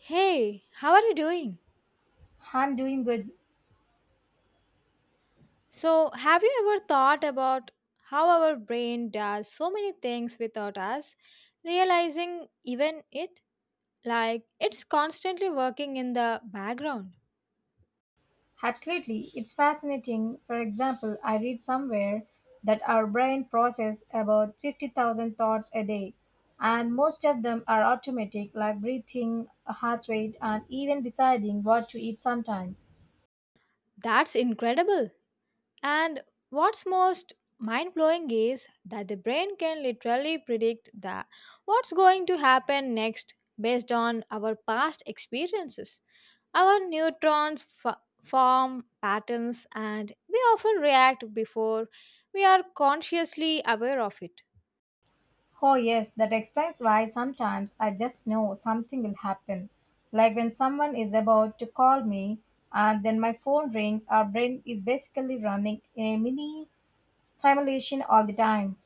Hey, how are you doing? I'm doing good. So, have you ever thought about how our brain does so many things without us realizing even it? Like, it's constantly working in the background. Absolutely, it's fascinating. For example, I read somewhere that our brain processes about 50,000 thoughts a day, and most of them are automatic, like breathing, heart rate, and even deciding what to eat sometimes. That's incredible. And what's most mind blowing is that the brain can literally predict the what's going to happen next based on our past experiences. Our form patterns and we often react before we are consciously aware of it. Oh yes, that explains why sometimes I just know something will happen. Like when someone is about to call me and then my phone rings, our brain is basically running in a mini simulation all the time.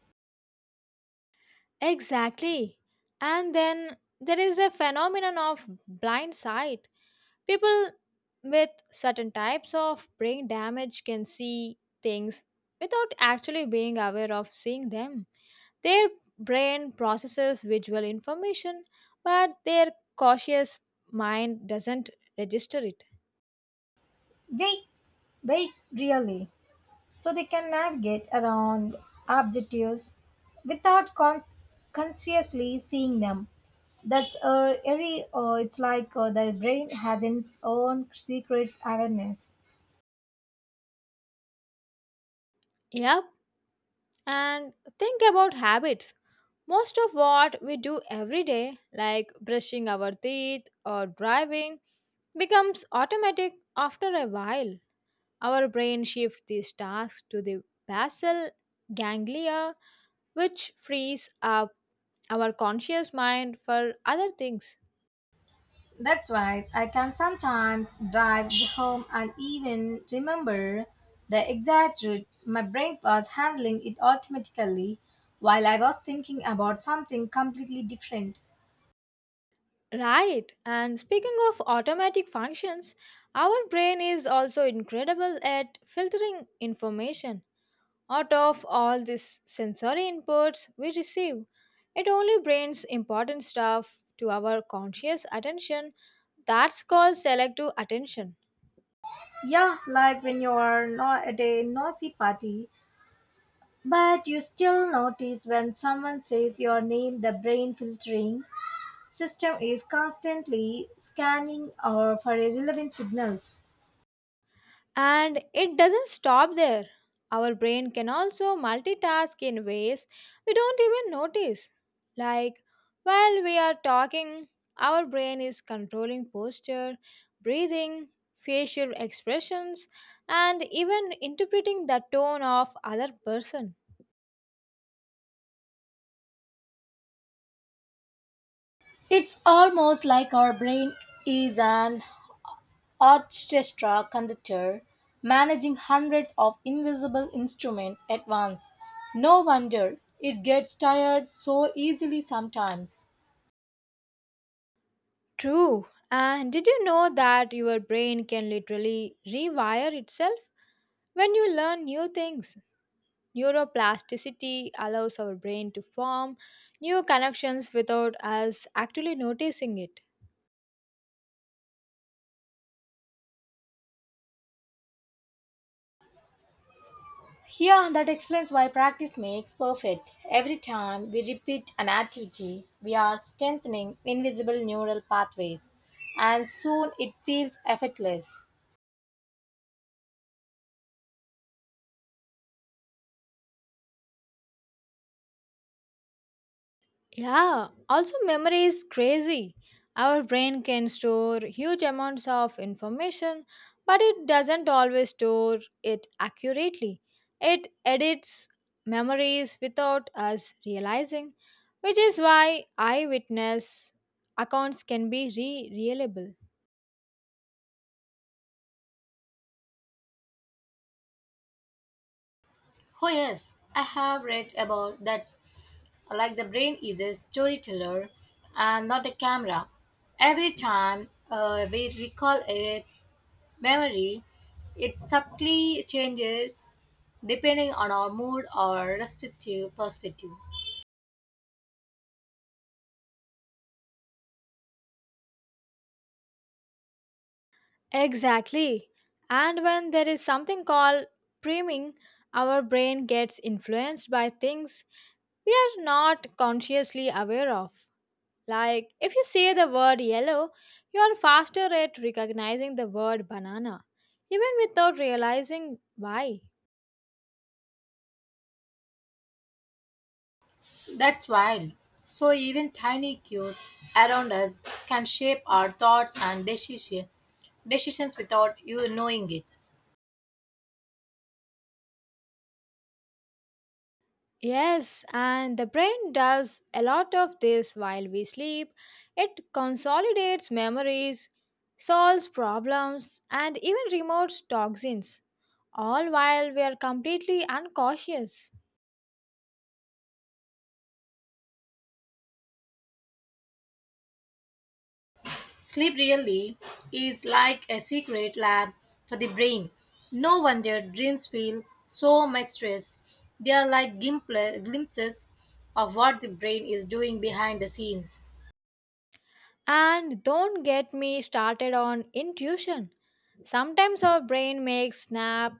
Exactly. And then there is a phenomenon of blind sight. People with certain types of brain damage can see things without actually being aware of seeing them. Their brain processes visual information, but their cautious mind doesn't register it. Wait, wait, really. So they can navigate around objectives without consciously seeing them. That's it's like the brain has its own secret awareness. Yep. And think about habits. Most of what we do every day, like brushing our teeth or driving, becomes automatic after a while. Our brain shifts these tasks to the basal ganglia, which frees up our conscious mind for other things. That's why I can sometimes drive home and even remember the exact route. My brain was handling it automatically while I was thinking about something completely different. Right, and speaking of automatic functions, our brain is also incredible at filtering information. Out of all these sensory inputs we receive, it only brings important stuff to our conscious attention. That's called selective attention. Yeah, like when you are not at a noisy party, but you still notice when someone says your name, the brain filtering system is constantly scanning or for irrelevant signals. And it doesn't stop there. Our brain can also multitask in ways we don't even notice. Like, while we are talking, our brain is controlling posture, breathing, facial expressions, and even interpreting the tone of other person. It's almost like our brain is an orchestra conductor managing hundreds of invisible instruments at once. No wonder it gets tired so easily sometimes. True. And did you know that your brain can literally rewire itself when you learn new things? Neuroplasticity allows our brain to form new connections without us actually noticing it. Here, that explains why practice makes perfect. Every time we repeat an activity, we are strengthening invisible neural pathways, and soon it feels effortless. Yeah, also memory is crazy. Our brain can store huge amounts of information, but it doesn't always store it accurately. It edits memories without us realizing, which is why eyewitness accounts can be re-reliable. Oh yes, I have read about that. Like the brain is a storyteller and not a camera. Every time we recall a memory, it subtly changes depending on our mood or respective perspective. Exactly. And when there is something called priming, our brain gets influenced by things we are not consciously aware of. Like, if you say the word yellow, you are faster at recognizing the word banana, even without realizing why. That's wild. So even tiny cues around us can shape our thoughts and decisions without you knowing it. Yes, and the brain does a lot of this while we sleep. It consolidates memories, solves problems, and even removes toxins, all while we are completely unconscious. Sleep really is like a secret lab for the brain. No wonder dreams feel so much stress. They are like glimpses of what the brain is doing behind the scenes. And don't get me started on intuition. Sometimes our brain makes snap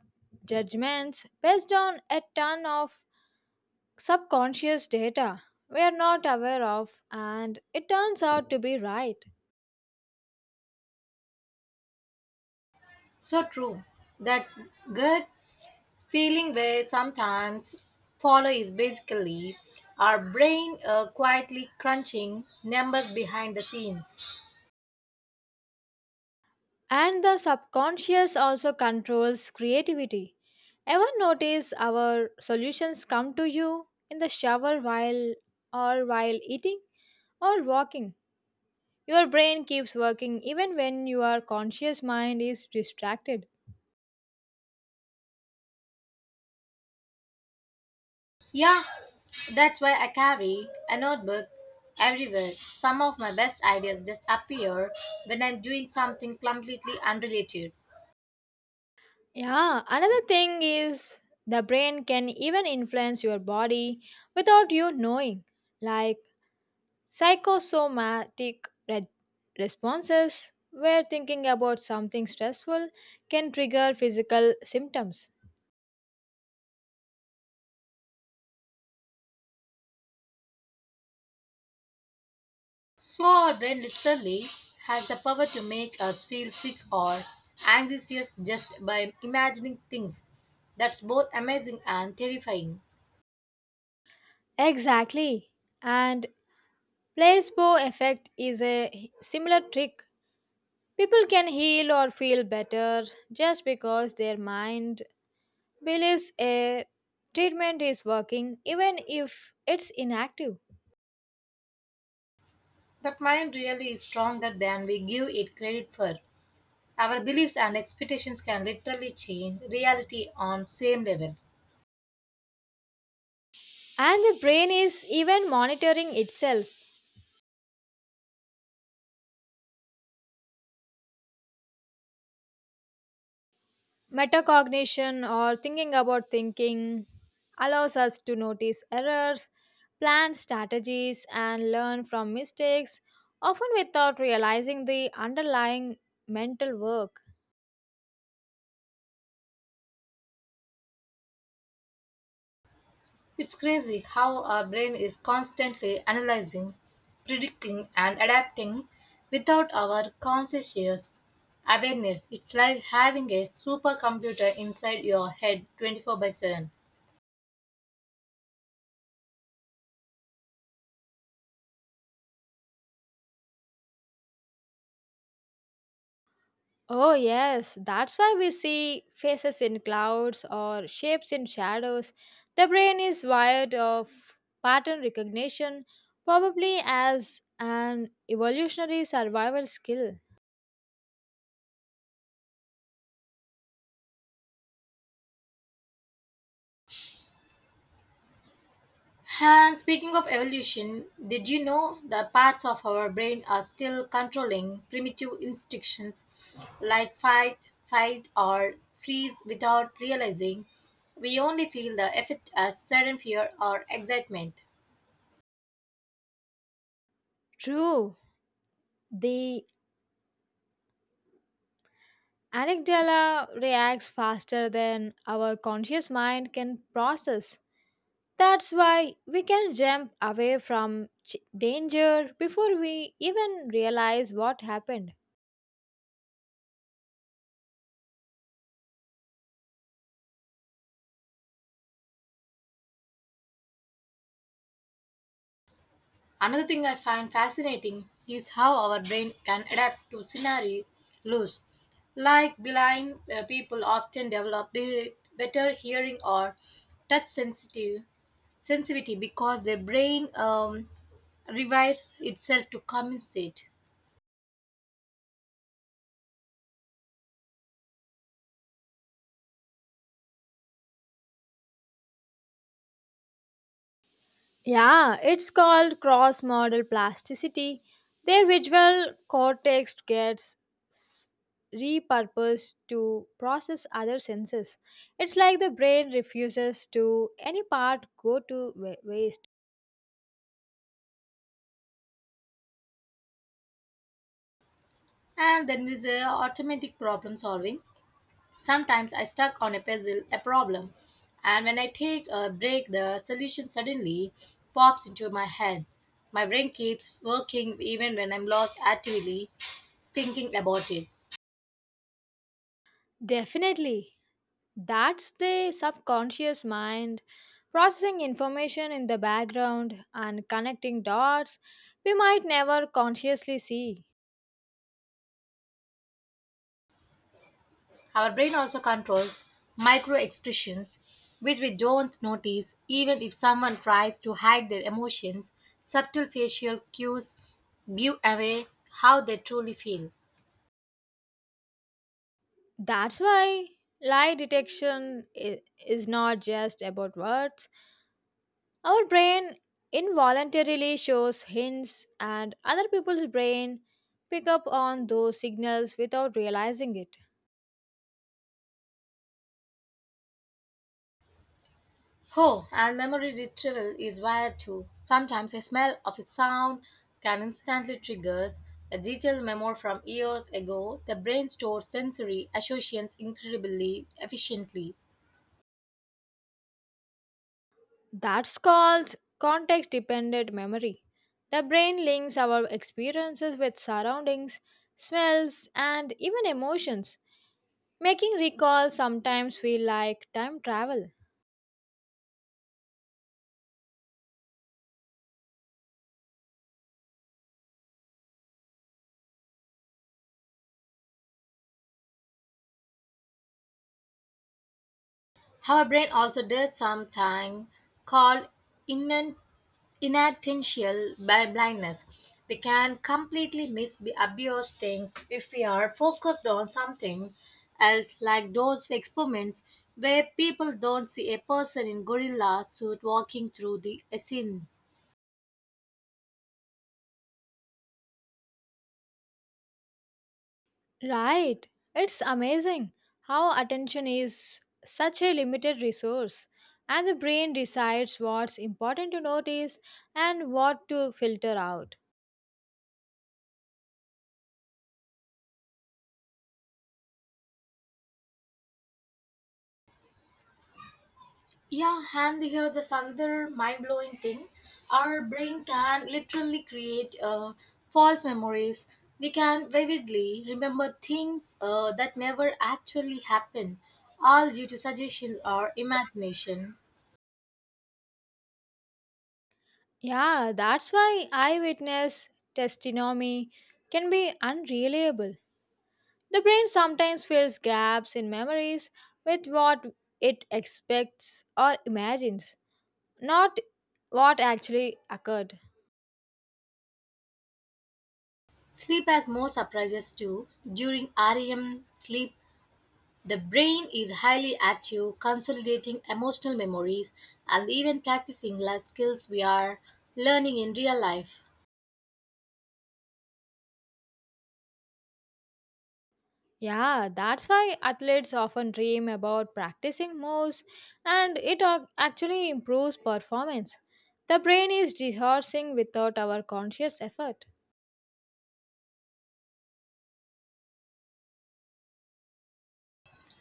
judgments based on a ton of subconscious data we are not aware of, and it turns out to be right. So true. That's good feeling where sometimes follow is basically our brain quietly crunching numbers behind the scenes. And the subconscious also controls creativity. Ever notice our solutions come to you in the shower while or while eating or walking? Your brain keeps working even when your conscious mind is distracted. Yeah, that's why I carry a notebook everywhere. Some of my best ideas just appear when I'm doing something completely unrelated. Yeah, another thing is the brain can even influence your body without you knowing, like psychosomatic re- responses where thinking about something stressful can trigger physical symptoms. So our brain literally has the power to make us feel sick or anxious just by imagining things. That's both amazing and terrifying. Exactly. And placebo effect is a similar trick. People can heal or feel better just because their mind believes a treatment is working even if it's inactive. That mind really is stronger than we give it credit for. Our beliefs and expectations can literally change reality on same level. And the brain is even monitoring itself. Metacognition or thinking about thinking allows us to notice errors, plan strategies, and learn from mistakes, often without realizing the underlying mental work. It's crazy how our brain is constantly analyzing, predicting and adapting without our conscious awareness. It's like having a supercomputer inside your head 24 by 7. Oh, yes, that's why we see faces in clouds or shapes in shadows. The brain is wired of pattern recognition, probably as an evolutionary survival skill. And speaking of evolution, did you know that parts of our brain are still controlling primitive instincts like fight, fight, or freeze without realizing we only feel the effect as sudden fear or excitement? True, the amygdala reacts faster than our conscious mind can process. That's why we can jump away from danger before we even realize what happened. Another thing I find fascinating is how our brain can adapt to scenarios. Like blind people often develop better hearing or touch sensitive sensitivity because their brain rewires itself to compensate. Yeah, it's called cross model plasticity. Their visual s- repurposed to process other senses. It's like the brain refuses to any part go to waste. And then is automatic problem solving. Sometimes I stuck on a puzzle, a problem, and when I take a break, the solution suddenly pops into my head. My brain keeps working even when I'm lost actively thinking about it. Definitely, that's the subconscious mind processing information in the background and connecting dots we might never consciously see. Our brain also controls micro expressions which we don't notice even if someone tries to hide their emotions. Subtle facial cues give away how they truly feel. That's why lie is not just about words. Our brain involuntarily shows hints, and other people's brain pick up on those signals without realizing it. Oh, and memory retrieval is wired too. Sometimes a smell of a sound can instantly trigger a detailed memory from years ago. The brain stores sensory associations incredibly efficiently. That's called context dependent memory. The brain links our experiences with surroundings, smells, and even emotions, making recall sometimes feel like time travel. Our brain also does something called inan- inattentional blindness. We can completely miss the obvious things if we are focused on something else, like those experiments where people don't see a person in gorilla suit walking through the scene. Right. It's amazing how attention is such a limited resource, and the brain decides what's important to notice and what to filter out. Yeah, and here's another mind blowing thing. Our brain can literally create false memories. We can vividly remember things that never actually happened, all due to suggestion or imagination. Yeah, that's why eyewitness testimony can be unreliable. The brain sometimes fills gaps in memories with what it expects or imagines, not what actually occurred. Sleep has more surprises too. During REM sleep, the brain is highly active, consolidating emotional memories and even practicing life skills we are learning in real life. Yeah, that's why athletes often dream about practicing moves and it actually improves performance. The brain is rehearsing without our conscious effort.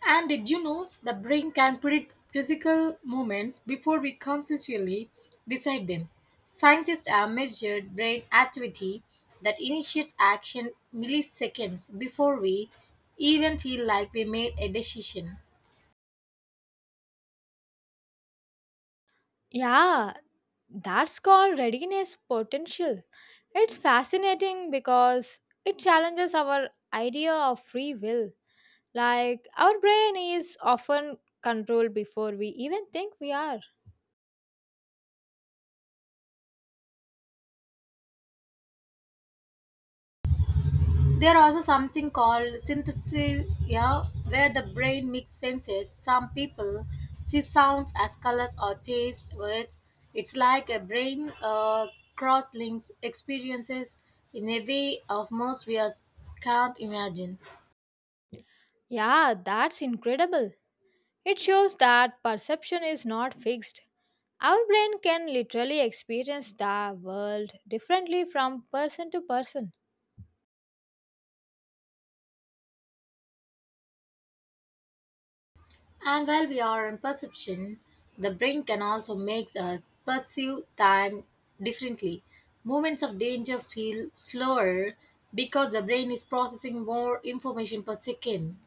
And did you know the brain can predict physical movements before we consciously decide them? Scientists have measured brain activity that initiates action milliseconds before we even feel like we made a decision. Yeah, that's called readiness potential. It's fascinating because it challenges our idea of free will. Like, our brain is often controlled before we even think we are. There also something called synesthesia, yeah, where the brain mixes senses. Some people see sounds as colors or taste words. It's like a brain cross links experiences in a way of most we us can't imagine. Yeah, that's incredible. It shows that perception is not fixed. Our brain can literally experience the world differently from person to person. And while we are in perception, the brain can also make us perceive time differently. Moments of danger feel slower because the brain is processing more information per second.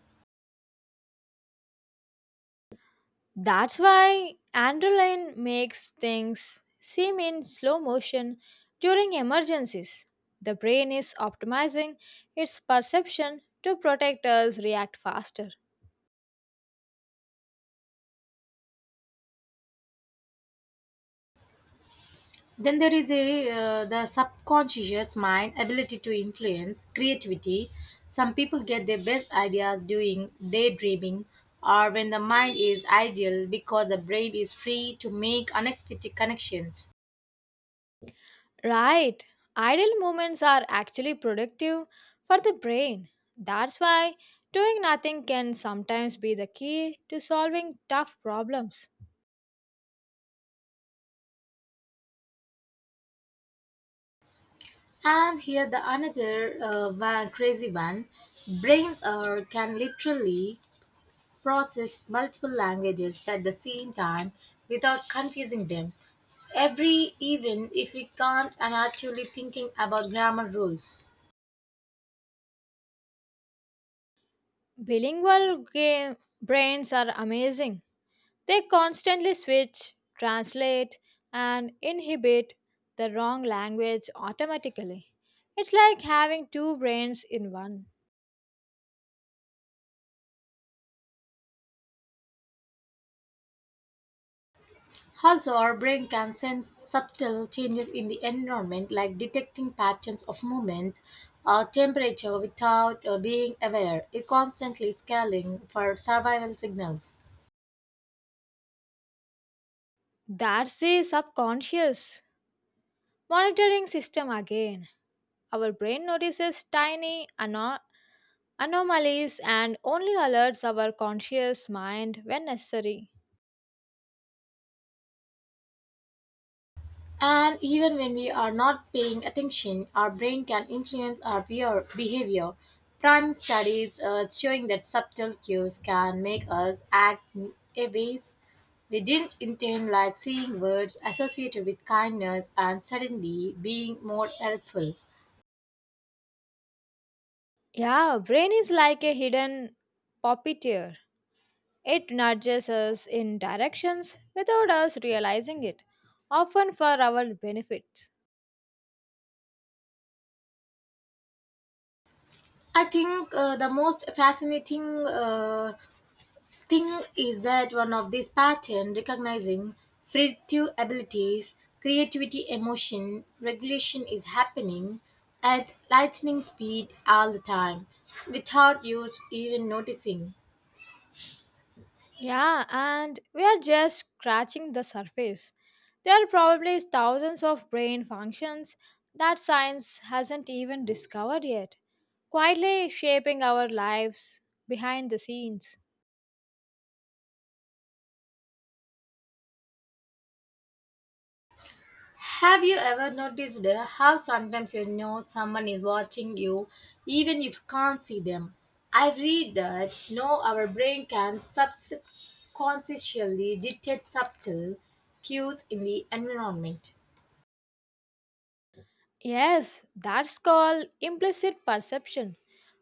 That's why adrenaline makes things seem in slow motion during emergencies. The brain is optimizing its perception to protect us react faster. Then there is a the subconscious mind ability to influence creativity. Some people get their best ideas doing daydreaming or when the mind is idle because the brain is free to make unexpected connections. Right. Idle moments are actually productive for the brain. That's why doing nothing can sometimes be the key to solving tough problems. And here the another one, crazy one, brains are can literally process multiple languages at the same time without confusing them. Every even if we can't and actually thinking about grammar rules. Bilingual game brains are amazing. They constantly switch, translate, and inhibit the wrong language automatically. It's like having two brains in one. Also, our brain can sense subtle changes in the environment like detecting patterns of movement or temperature without being aware. It constantly scaling for survival signals. That's the subconscious monitoring system again. Our brain notices tiny anomalies and only alerts our conscious mind when necessary. And even when we are not paying attention, our brain can influence our behavior. Prime studies showing that subtle cues can make us act in a ways we didn't intend, like seeing words associated with kindness and suddenly being more helpful. Yeah, brain is like a hidden puppeteer. It nudges us in directions without us realizing it, often for our benefits. I think the most fascinating thing is that one of these patterns recognizing predictive abilities, creativity, emotion, regulation is happening at lightning speed all the time without you even noticing. Yeah, and we are just scratching the surface. There are probably thousands of brain functions that science hasn't even discovered yet, quietly shaping our lives behind the scenes. Have you ever noticed how sometimes you know someone is watching you even if you can't see them? I read that no, our brain can subconsciously detect subtle cues in the environment. Yes, that's called implicit perception.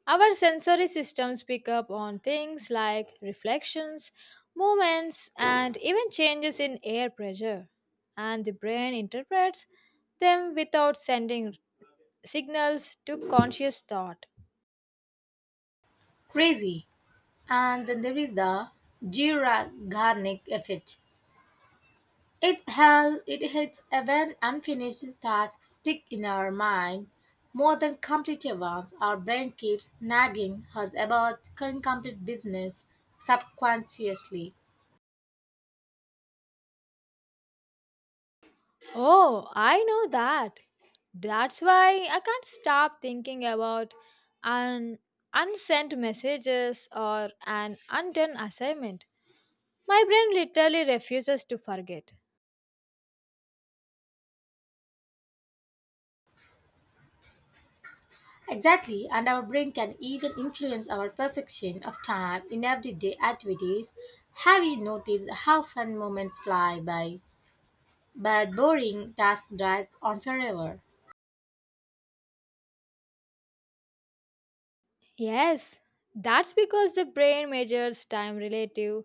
Our sensory systems pick up on things like reflections, movements, and even changes in air pressure, and the brain interprets them without sending signals to conscious thought. Crazy. And then there is the Zygarnik effect. It it hits when unfinished tasks stick in our mind more than completed ones. Our brain keeps nagging us about incomplete business subconsciously. Oh, I know that. That's why I can't stop thinking about an unsent messages or an undone assignment. My brain literally refuses to forget. Exactly, and our brain can even influence our perfection of time in everyday activities. Have you noticed how fun moments fly by, but boring tasks drag on forever? Yes, that's because the brain measures time relative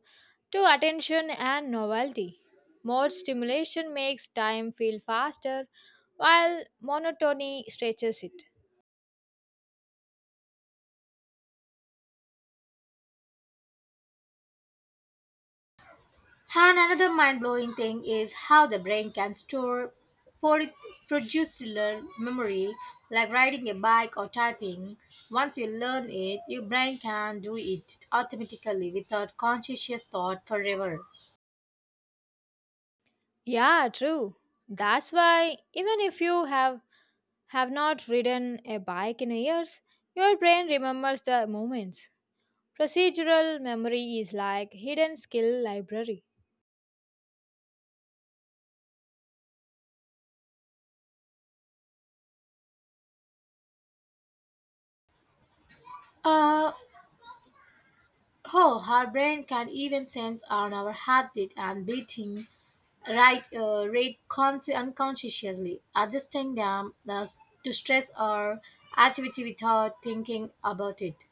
to attention and novelty. More stimulation makes time feel faster, while monotony stretches it. And another mind blowing thing is how the brain can store por- procedural memory, like riding a bike or typing. Once you learn it, your brain can do it automatically without conscious thought forever. Yeah, true. That's why even if you have not ridden a bike in years, your brain remembers the moments. Procedural memory is like hidden skill library. Uh, oh, our brain can even sense on our heartbeat and beating right rate consci unconsciously, adjusting them thus to stress or activity without thinking about it.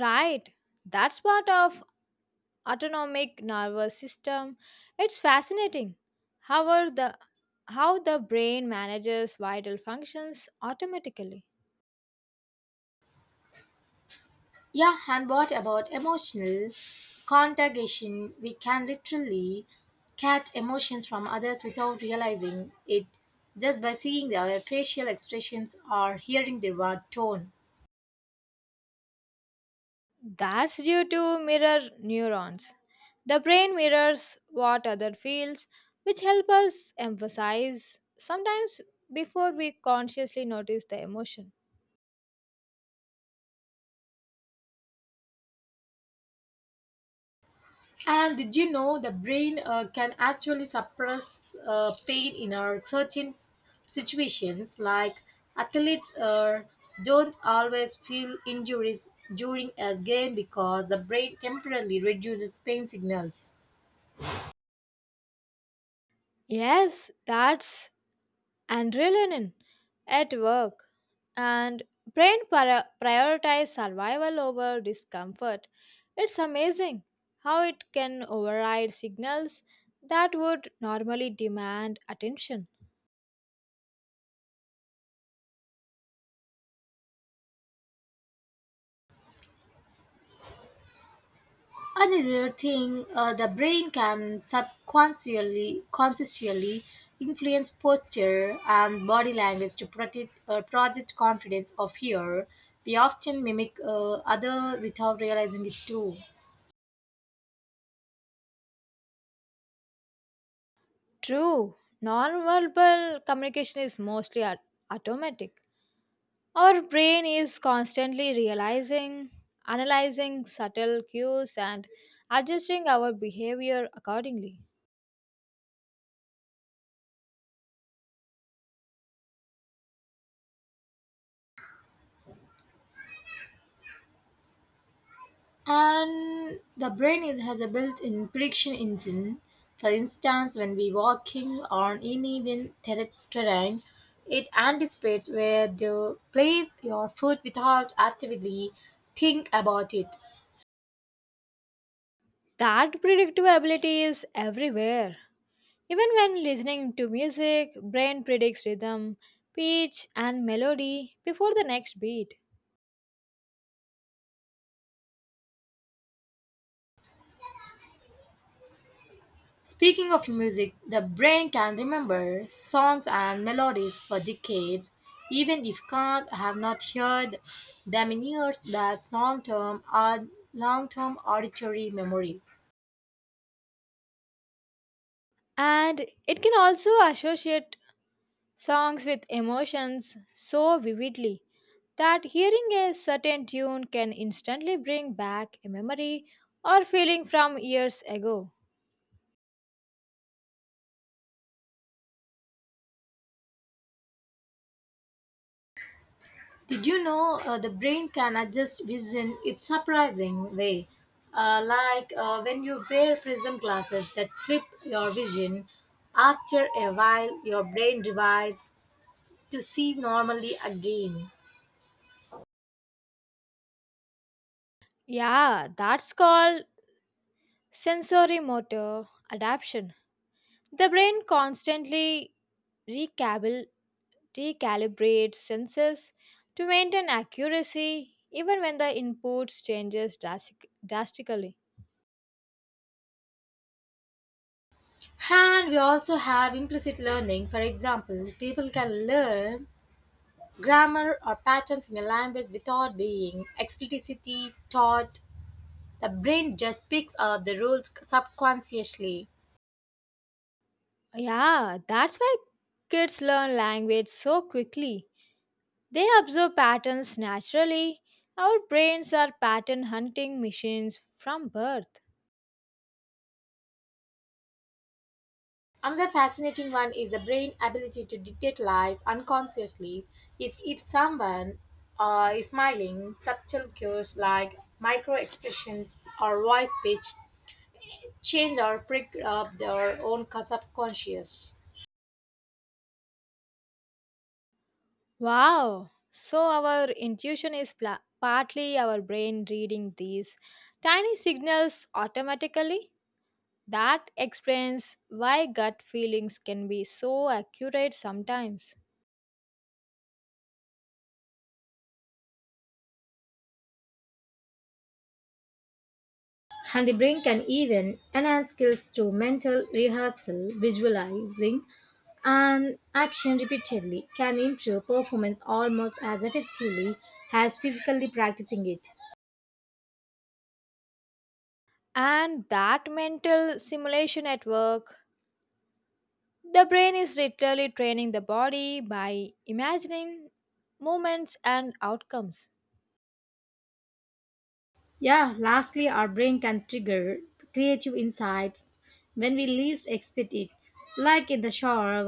Right. That's part of autonomic nervous system. It's fascinating how are the how the brain manages vital functions automatically. Yeah, and what about emotional contagion? We can literally catch emotions from others without realizing it just by seeing their facial expressions or hearing their word tone. That's due to mirror neurons. The brain mirrors what other feels, which help us emphasize sometimes before we consciously notice the emotion. And did you know the brain can actually suppress pain in our certain situations, like athletes don't always feel injuries during a game because the brain temporarily reduces pain signals. Yes, that's adrenaline at work and brain prioritize survival over discomfort. It's amazing how it can override signals that would normally demand attention. Another thing, the brain can subconsciously consciously influence posture and body language to project confidence or fear. We often mimic other without realizing it too. True, non-verbal communication is mostly automatic. Our brain is constantly realizing analyzing subtle cues and adjusting our behavior accordingly. And the has a built-in prediction engine. For instance, when we walking on uneven terrain, it anticipates where to place your foot without actively think about it. That predictability is everywhere. Even when listening to music, brain predicts rhythm, pitch, and melody before the next beat. Speaking of music, the brain can remember songs and melodies for decades, even if can't have not heard them in years. That's long-term auditory memory. And it can also associate songs with emotions so vividly that hearing a certain tune can instantly bring back a memory or feeling from years ago. Did you know the brain can adjust vision in a surprising way? When you wear prism glasses that flip your vision, after a while your brain revives to see normally again. Yeah, that's called sensorimotor adaptation. The brain constantly recalibra- recalibrates sensors to maintain accuracy even when the inputs changes drastically. And we also have implicit learning. For example, people can learn grammar or patterns in a language without being explicitly taught. The brain just picks up the rules subconsciously. Yeah, that's why kids learn language so quickly. They observe patterns naturally. Our brains are pattern hunting machines from birth. Another fascinating one is the brain ability to detect lies unconsciously. If someone is smiling, subtle cues like micro expressions or voice pitch change or pick up their own subconscious. Wow! So, our intuition is partly our brain reading these tiny signals automatically? That explains why gut feelings can be so accurate sometimes. And the brain can even enhance skills through mental rehearsal, visualizing, and action repeatedly can improve performance almost as effectively as physically practicing it. And that mental simulation at work, the brain is literally training the body by imagining moments and outcomes. Yeah, lastly, our brain can trigger creative insights when we least expect it, like in the shower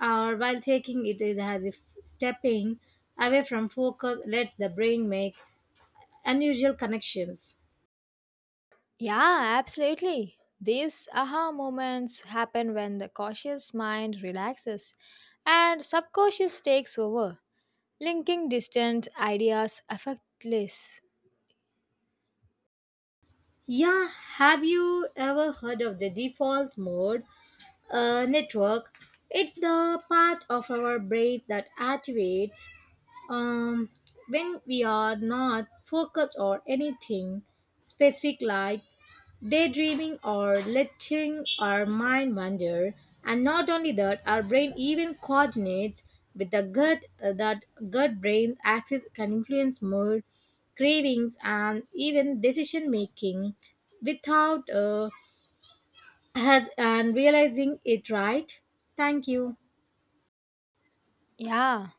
or while taking it, is as if stepping away from focus lets the brain make unusual connections. Yeah, absolutely. These aha moments happen when the cautious mind relaxes and subconscious takes over, linking distant ideas effortless. Yeah, have you ever heard of the default mode network? It's the part of our brain that activates um, when we are not focused on anything specific, like daydreaming or letting our mind wander, and not only that, our brain even coordinates with the gut that gut brain's axis can influence mood, cravings, and even decision making without us and realizing it right. Thank you. Yeah.